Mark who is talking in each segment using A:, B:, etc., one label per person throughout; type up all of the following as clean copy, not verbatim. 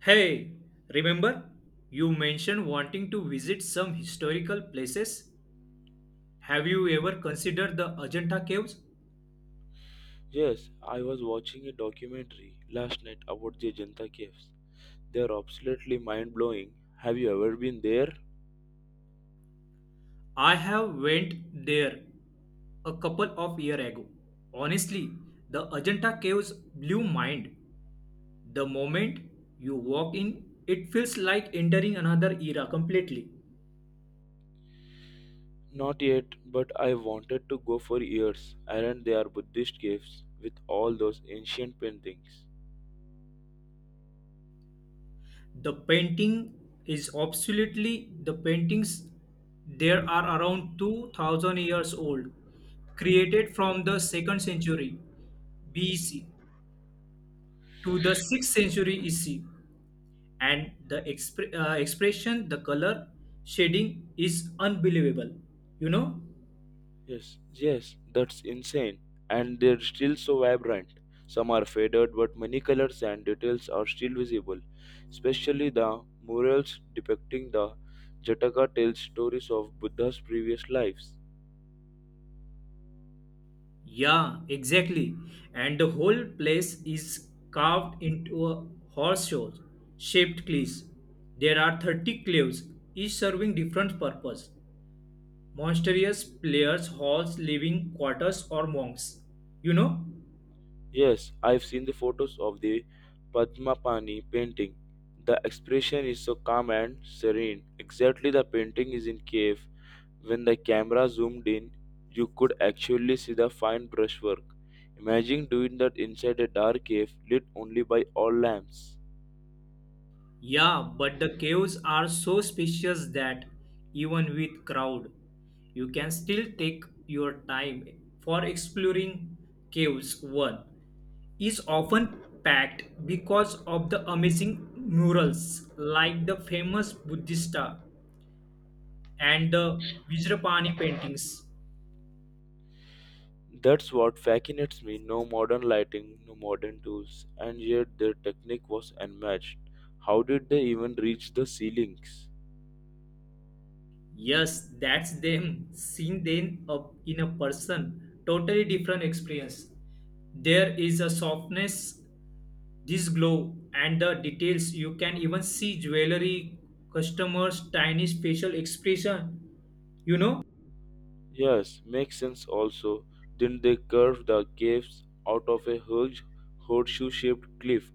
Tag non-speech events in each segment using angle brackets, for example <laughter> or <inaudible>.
A: Hey, remember you mentioned wanting to visit some historical places? Have you ever considered the Ajanta caves?
B: Yes, I was watching a documentary last night about the Ajanta caves. They are absolutely mind blowing. Have you ever been there?
A: I have went there a couple of year ago. Honestly, the Ajanta caves blew mind. The moment you walk in, it feels like entering another era completely.
B: Not yet, but I wanted to go for years. And they are Buddhist caves with all those ancient paintings.
A: The painting is absolutely the paintings there are around 2000 years old, created from the 2nd century BC to the 6th century EC, and the expression, the color shading is unbelievable you know
B: Yes, yes, that's insane. And they're still so vibrant. Some are faded, but many colors and details are still visible, especially the murals depicting the Jataka tales stories of Buddha's previous lives.
A: Yeah, exactly. And the whole place is carved into a horseshoe shaped cliffs. There are 30 cliffs, each serving different purpose. Monstrous players, halls, living quarters, or monks. You know?
B: Yes, I've seen the photos of the Padmapani painting. The expression is so calm and serene. Exactly the painting is in cave. When the camera zoomed in, you could actually see the fine brushwork. Imagine doing that inside a dark cave lit only by oil lamps.
A: Yeah, but the caves are so spacious that even with crowd, you can still take your time for exploring caves one is often packed because of the amazing murals like the famous Buddhista and the Vajrapani paintings.
B: That's what fascinates me. No modern lighting, no modern tools, and yet their technique was unmatched. How did they even reach the ceilings?
A: Yes, that's them. Seeing them up in a person, totally different experience. There is a softness, this glow, and the details. You can even see jewelry, customers' tiny facial expression you know
B: Yes, makes sense also. Didn't they carve the caves out of a huge horseshoe shaped cliff?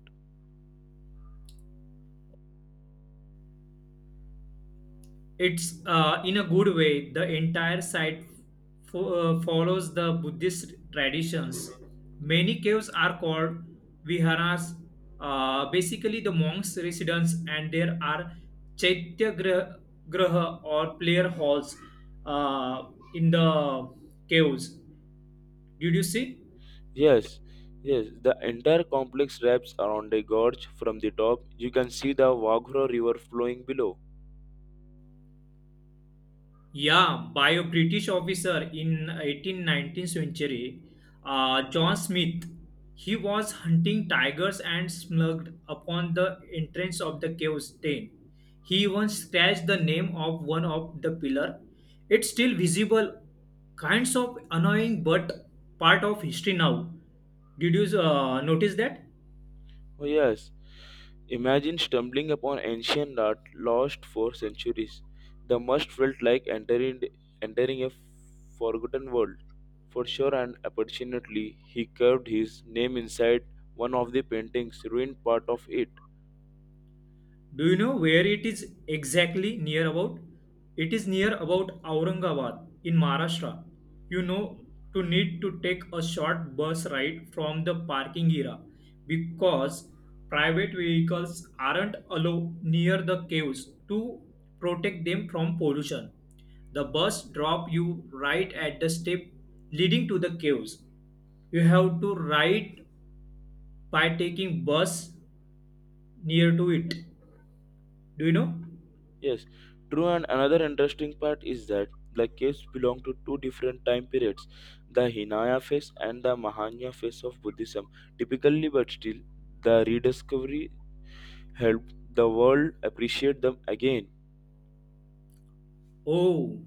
A: It's in a good way. The entire site follows the Buddhist traditions. Many caves are called viharas, basically the monks' residence, and there are chaitya grah- graha or player halls uh, in the caves. Did you see?
B: Yes, yes, the entire complex wraps around a gorge from the top. You can see the Waghra River flowing below.
A: Yeah, by a British officer in 18th-19th century, John Smith. He was hunting tigers and smuggled upon the entrance of the cave's den. He even scratched the name of one of the pillar. It's still visible, kinds of annoying, but part of history now. Did you notice that?
B: Oh, yes, imagine stumbling upon ancient art lost for centuries. The must felt like entering a forgotten world. For sure and opportunately, he carved his name inside one of the painting's ruined part of it.
A: Do you know where it is exactly near about? It is near about Aurangabad in Maharashtra. You know, to need to take a short bus ride from the parking area because private vehicles aren't allowed near the caves to protect them from pollution. The bus drop you right at the step leading to the caves. You have to ride by taking bus near to it. Do you know?
B: Yes, true. And another interesting part is that the caves belong to two different time periods, the Hinaya phase and the Mahayana phase of Buddhism. Typically, but still, the rediscovery helped the world appreciate them again.
A: Oh,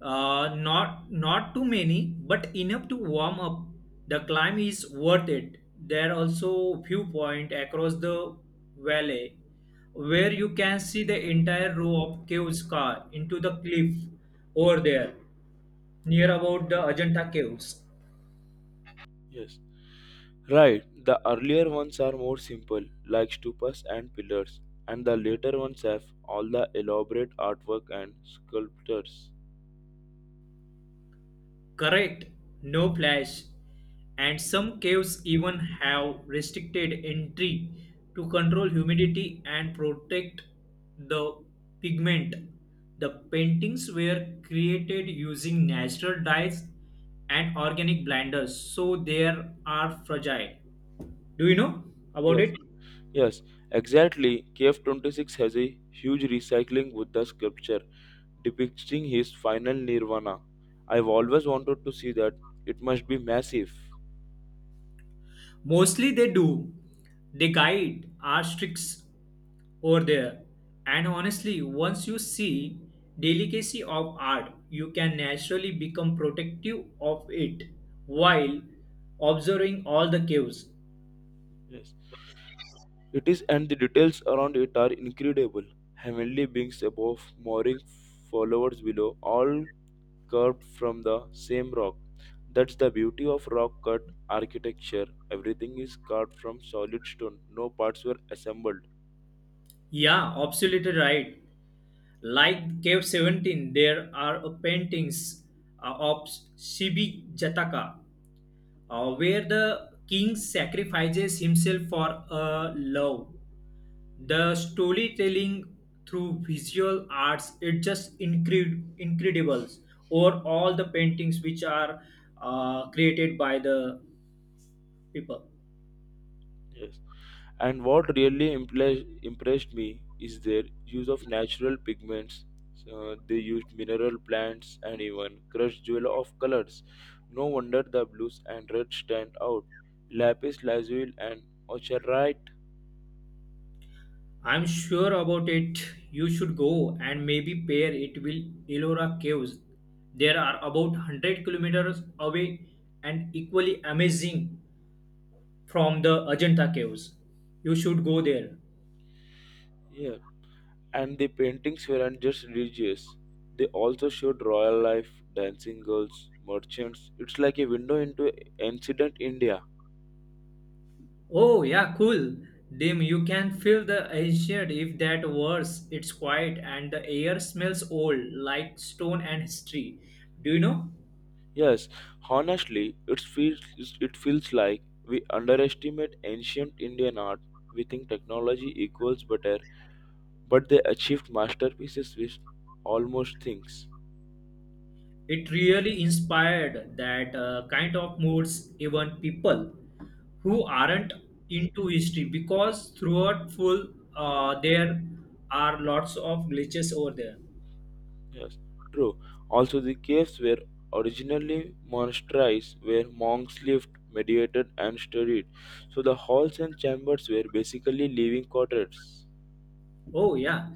A: uh, not too many, but enough to warm up. The climb is worth it. There are also viewpoint across the valley where you can see the entire row of caves car into the cliff over there near about the Ajanta caves.
B: Yes, right. The earlier ones are more simple, like stupas and pillars, and the later ones have all the elaborate artwork and sculptures.
A: Correct, no flash. And some caves even have restricted entry to control humidity and protect the pigment. The paintings were created using natural dyes and organic blenders, so they are fragile. Do you know about
B: Yes,
A: it?
B: yes, exactly. Cave 26 has a huge recycling Buddha sculpture depicting his final nirvana. I've always wanted to see that. It must be massive.
A: Mostly they do. They guide our tricks over there. And honestly, once you see delicacy of art, you can naturally become protective of it while observing all the caves.
B: Yes. It is, and the details around it are incredible. Heavenly beings above, mooring followers below, all carved from the same rock. That's the beauty of rock cut architecture. Everything is carved from solid stone, no parts were assembled.
A: Yeah, absolutely right. Like Cave 17, there are paintings of Shibi Jataka where the king sacrifices himself for a love. The storytelling through visual arts, it just incredible over all the paintings which are created by the people.
B: Yes. And what really impressed me is their use of natural pigments. So they used mineral plants and even crushed jewel of colors. No wonder the blues and reds stand out. Lapis lazuli and ochreite.
A: I'm sure about it. You should go and maybe pair it with Elora Caves. There are about 100 kilometers away and equally amazing from the Ajanta Caves. You should go there.
B: Yeah, and the paintings weren't just religious. They also showed royal life, dancing girls, merchants. It's like a window into ancient India.
A: Oh, yeah, cool. Dim, you can feel the ancient, if that worse. It's quiet and the air smells old, like stone and history. Do you know?
B: Yes, honestly, it feels like we underestimate ancient Indian art. We think technology equals better, but they achieved masterpieces with almost things.
A: It really inspired that kind of moods, even people who aren't into history, because throughout full, there are lots of glitches over there.
B: Yes, true. Also, the caves were originally monasteries where monks lived, meditated, and studied. So the halls and chambers were basically living quarters.
A: Oh, yeah.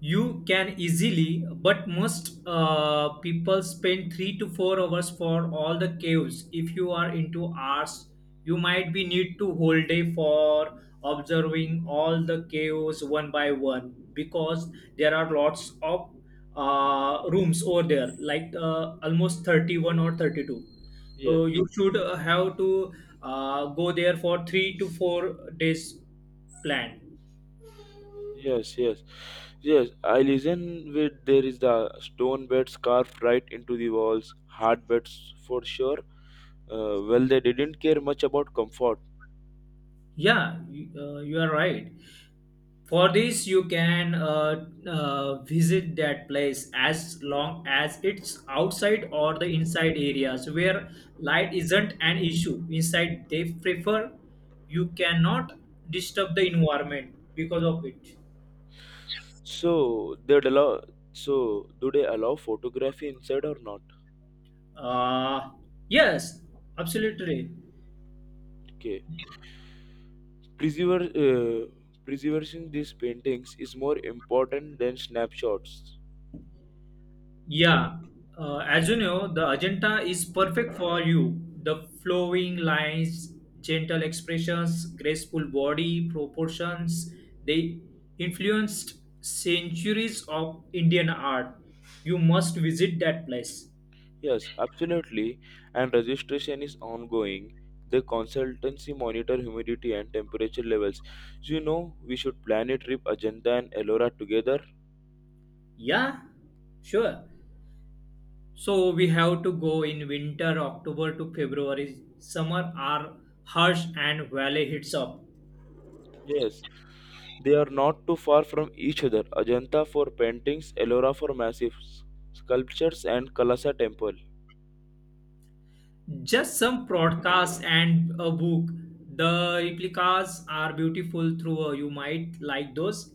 A: You can easily, but most people spend 3 to 4 hours for all the caves. If you are into arts, you might be need to whole day for observing all the caves one by one because there are lots of rooms over there, like almost 31 or 32.
B: Yes.
A: So you should have to go there for 3 to 4 days plan.
B: Yes, yes, yes. I listen with there is the stone beds carved right into the walls, hard beds for sure. Well, they didn't care much about comfort,
A: Yeah, you are right. For this, you can visit that place as long as it's outside or the inside areas where light isn't an issue. Inside, they prefer you cannot disturb the environment because of it.
B: so they'd allow. So do they allow photography inside or not?
A: Uh, yes, absolutely.
B: Okay, preserver, uh, preserving these paintings is more important than snapshots.
A: Yeah, as you know, the Ajanta is perfect for you. The flowing lines, gentle expressions, graceful body proportions, they influenced centuries of Indian art. You must visit that place.
B: Yes, absolutely. And registration is ongoing. The consultancy monitor humidity and temperature levels. You know, we should plan a trip Ajanta and Ellora together.
A: Yeah, sure. So we have to go in winter, October to February. Summer are harsh and valley heats up.
B: Yes, they are not too far from each other. Ajanta for paintings, Ellora for massive sculptures, and Kalasa temple.
A: Just some broadcasts and a book. The replicas are beautiful through. You might like those.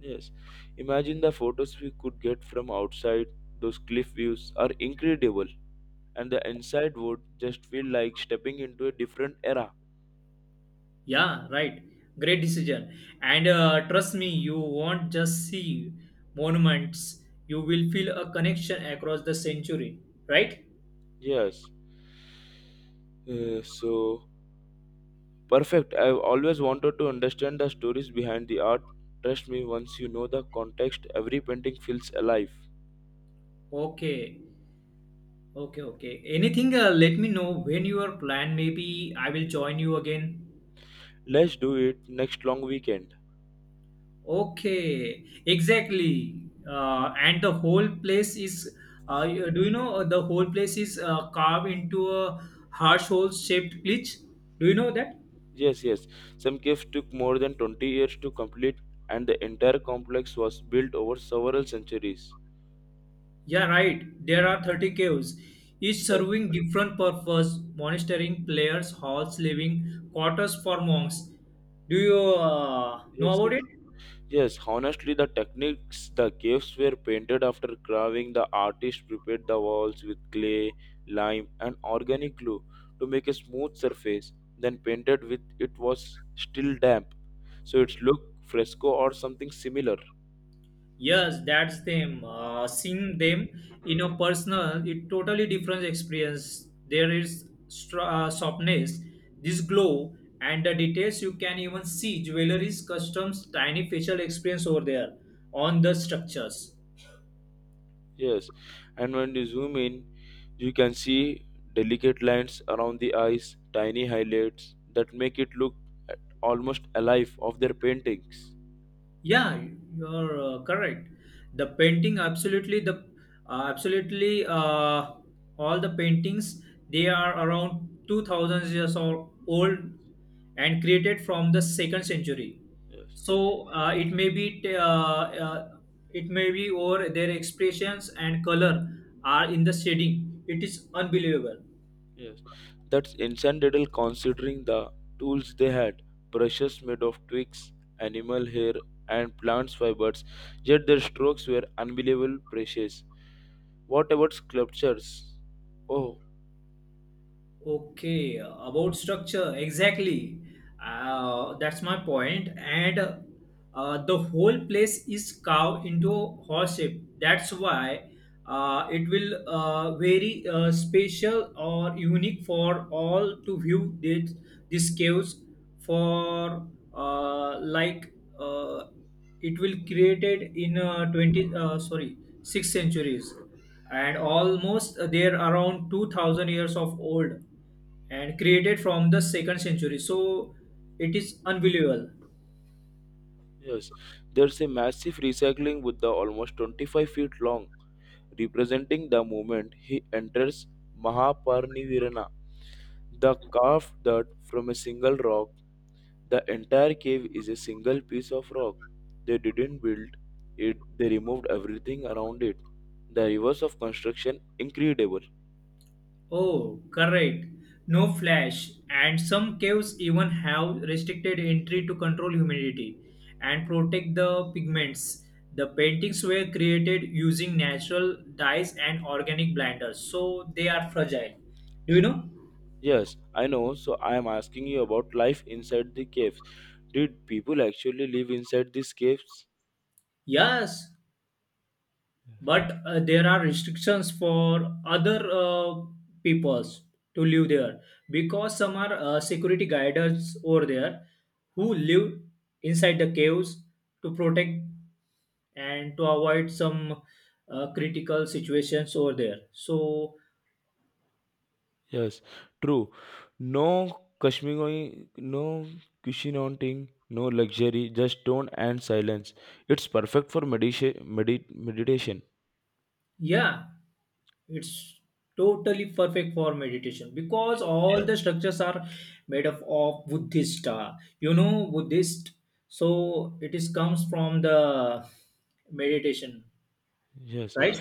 B: Yes, imagine the photos we could get from outside. Those cliff views are incredible, and the inside would just feel like stepping into a different era.
A: Yeah, right. Great decision. And trust me, you won't just see monuments. You will feel a connection across the century. Right?
B: Yes. So perfect. I've always wanted to understand the stories behind the art. Trust me, once you know the context, every painting feels alive.
A: Okay. Okay. Okay. Anything? Let me know when your plan. Maybe I will join you again.
B: Let's do it next long weekend.
A: Okay, exactly. And the whole place is, do you know the whole place is carved into a heart-shaped glitch? Do you know that?
B: Yes, yes. Some caves took more than 20 years to complete, and the entire complex was built over several centuries.
A: Yeah, right. There are 30 caves, each
B: Yes,
A: serving different purpose, monitoring players, halls, living quarters for monks. Do you know
B: yes, yes.
A: about it?
B: Yes, honestly, the techniques, the caves were painted after carving. The artist prepared the walls with clay, lime, and organic glue to make a smooth surface, then painted with it was still damp. So it's look fresco or something similar.
A: Yes, that's them. Seeing them in a personal, it totally different experience. There is softness, this glow, and the details you can even see jewelries, customs, tiny facial experience over there on the structures.
B: Yes, and when you zoom in, you can see delicate lines around the eyes, tiny highlights that make it look almost alive of their paintings.
A: Yeah, you're correct. The painting, absolutely, the absolutely all the paintings they are around 2000 years or old and created from the second century.
B: Yes.
A: So it may be or their expressions and color are in the shading. It is unbelievable.
B: Yes, that's incredible considering the tools they had brushes made of twigs, animal hair, and plant fibers, yet their strokes were unbelievable precious. What about sculptures? Oh,
A: Okay, about structure, exactly. That's my point. And the whole place is carved into horse shape. That's why it will very special or unique for all to view this caves for like uh, it will created in 20 sorry 6 centuries and almost they're around 2000 years of old and created from the second century so it is unbelievable.
B: yes, there's a massive recycling Buddha almost 25 feet long, representing the moment he enters Mahaparinivirana, the carved dirt from a single rock. The entire cave is a single piece of rock. They didn't build it, they removed everything around it. The reverse of construction, incredible.
A: Oh, correct, no flash. And some caves even have restricted entry to control humidity and protect the pigments. The paintings were created using natural dyes and organic blenders, so they are fragile. Do you know?
B: Yes, I know, so I am asking you about life inside the caves. Did people actually live inside these caves?
A: Yes, but there are restrictions for other peoples to live there because some are security guards over there who live inside the caves to protect and to avoid some critical situations over there. So,
B: Yes, true. No Kashmiri, no cushioning, no luxury, just stone and silence. It's perfect for meditation.
A: yeah, it's totally perfect for meditation because
B: Yes,
A: all, yeah, the structures are made up of Buddhist. You know, Buddhist. So it is comes from the meditation,
B: yes.
A: right?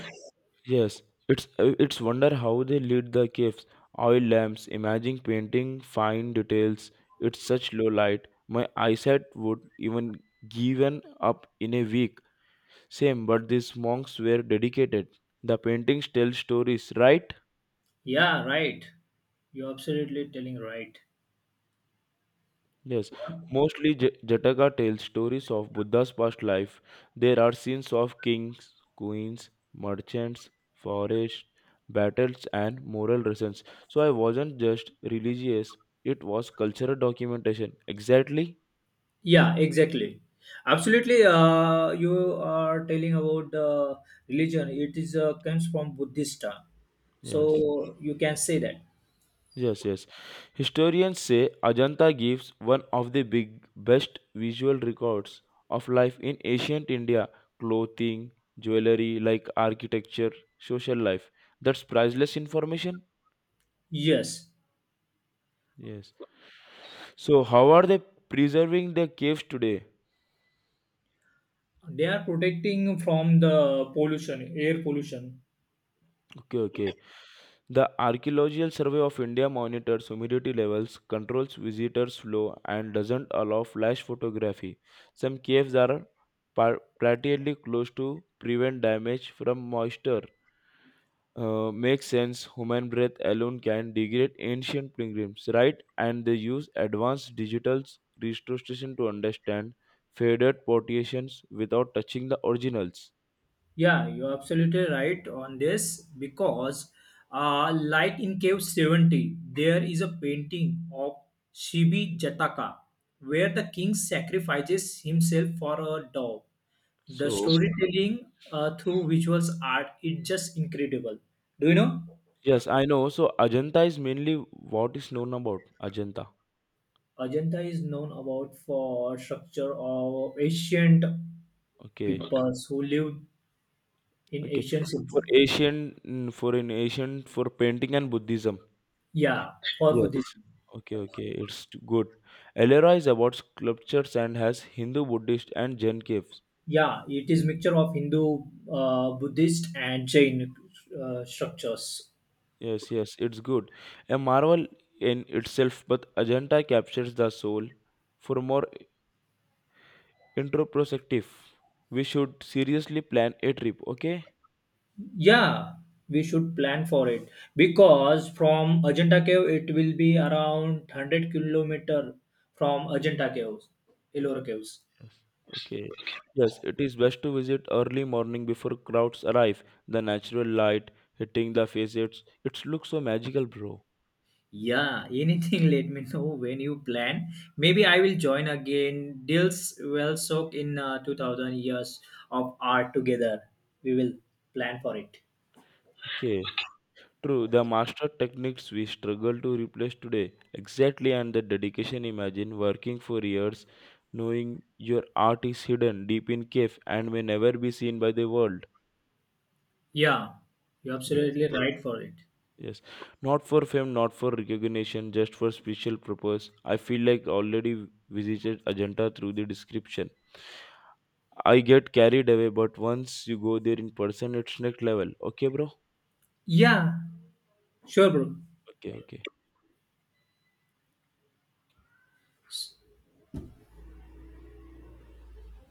B: Yes, it's wonder how they lit the caves. Oil lamps, imagine painting fine details. It's such low light. My eyesight would even given up in a week. Same, but these monks were dedicated. The paintings tell stories, right?
A: Yeah, right. You're absolutely telling right.
B: Yes, mostly Jataka tells stories of Buddha's past life. There are scenes of kings, queens, merchants, forests, battles, and moral lessons. So I wasn't just religious, it was cultural documentation. Exactly?
A: Yeah, exactly. Absolutely. You are telling about religion. It is comes from Buddhist.
B: Yes.
A: So you can say that.
B: Yes, yes. Historians say Ajanta gives one of the big best visual records of life in ancient India, clothing, jewelry, like architecture, social life. That's priceless information.
A: Yes.
B: Yes. So how are they preserving the caves today?
A: They are protecting from the pollution, air pollution.
B: Okay, okay. The Archaeological Survey of India monitors humidity levels, controls visitors' flow, and doesn't allow flash photography. Some caves are partially closed to prevent damage from moisture. Makes sense. Human breath alone can degrade ancient pilgrims, right? And they use advanced digital restoration to understand faded portions without touching the originals.
A: Yeah, you're absolutely right on this because light in cave 70, there is a painting of Shibi Jataka where the king sacrifices himself for a dove. The
B: So
A: storytelling through visuals art is just incredible. Do you know?
B: yes, I know. So Ajanta is mainly what is known about Ajanta.
A: Ajanta is known about for structure of ancient
B: Okay,
A: peoples who lived in
B: okay.
A: ancient
B: For
A: cities.
B: Asian, mm, for in Asian, for painting and Buddhism.
A: Yeah, for
B: Yes.
A: Buddhism.
B: Okay, okay. It's good. Ellora is about sculptures and has Hindu, Buddhist, and Jain caves.
A: Yeah, it is mixture of Hindu, Buddhist, and Jain structures.
B: Yes, yes. It's good. A marvel in itself, but Ajanta captures the soul. For more introspective, we should seriously plan a trip. Okay.
A: Yeah, we should plan for it because from Ajanta Cave it will be around 100 kilometer from Ajanta Caves, Ellora Caves.
B: Yes. Okay. Yes, it is best to visit early morning before crowds arrive. The natural light hitting the facets, it looks so magical, bro.
A: Yeah, anything. <laughs> Let me know when you plan. Maybe I will join again. Deals will soak in 2000 years of art together. We will plan for it.
B: Okay. True, the master techniques we struggle to replace today. Exactly, and the dedication imagine working for years, knowing your art is hidden deep in cave and may never be seen by the world.
A: Yeah, you're
B: Yes,
A: absolutely right for it.
B: yes. Not for fame, not for recognition, just for special purpose. I feel like already visited Ajanta through the description. I get carried away, but once you go there in person, it's next level. Okay, bro?
A: Yeah, sure, bro.
B: Okay, okay.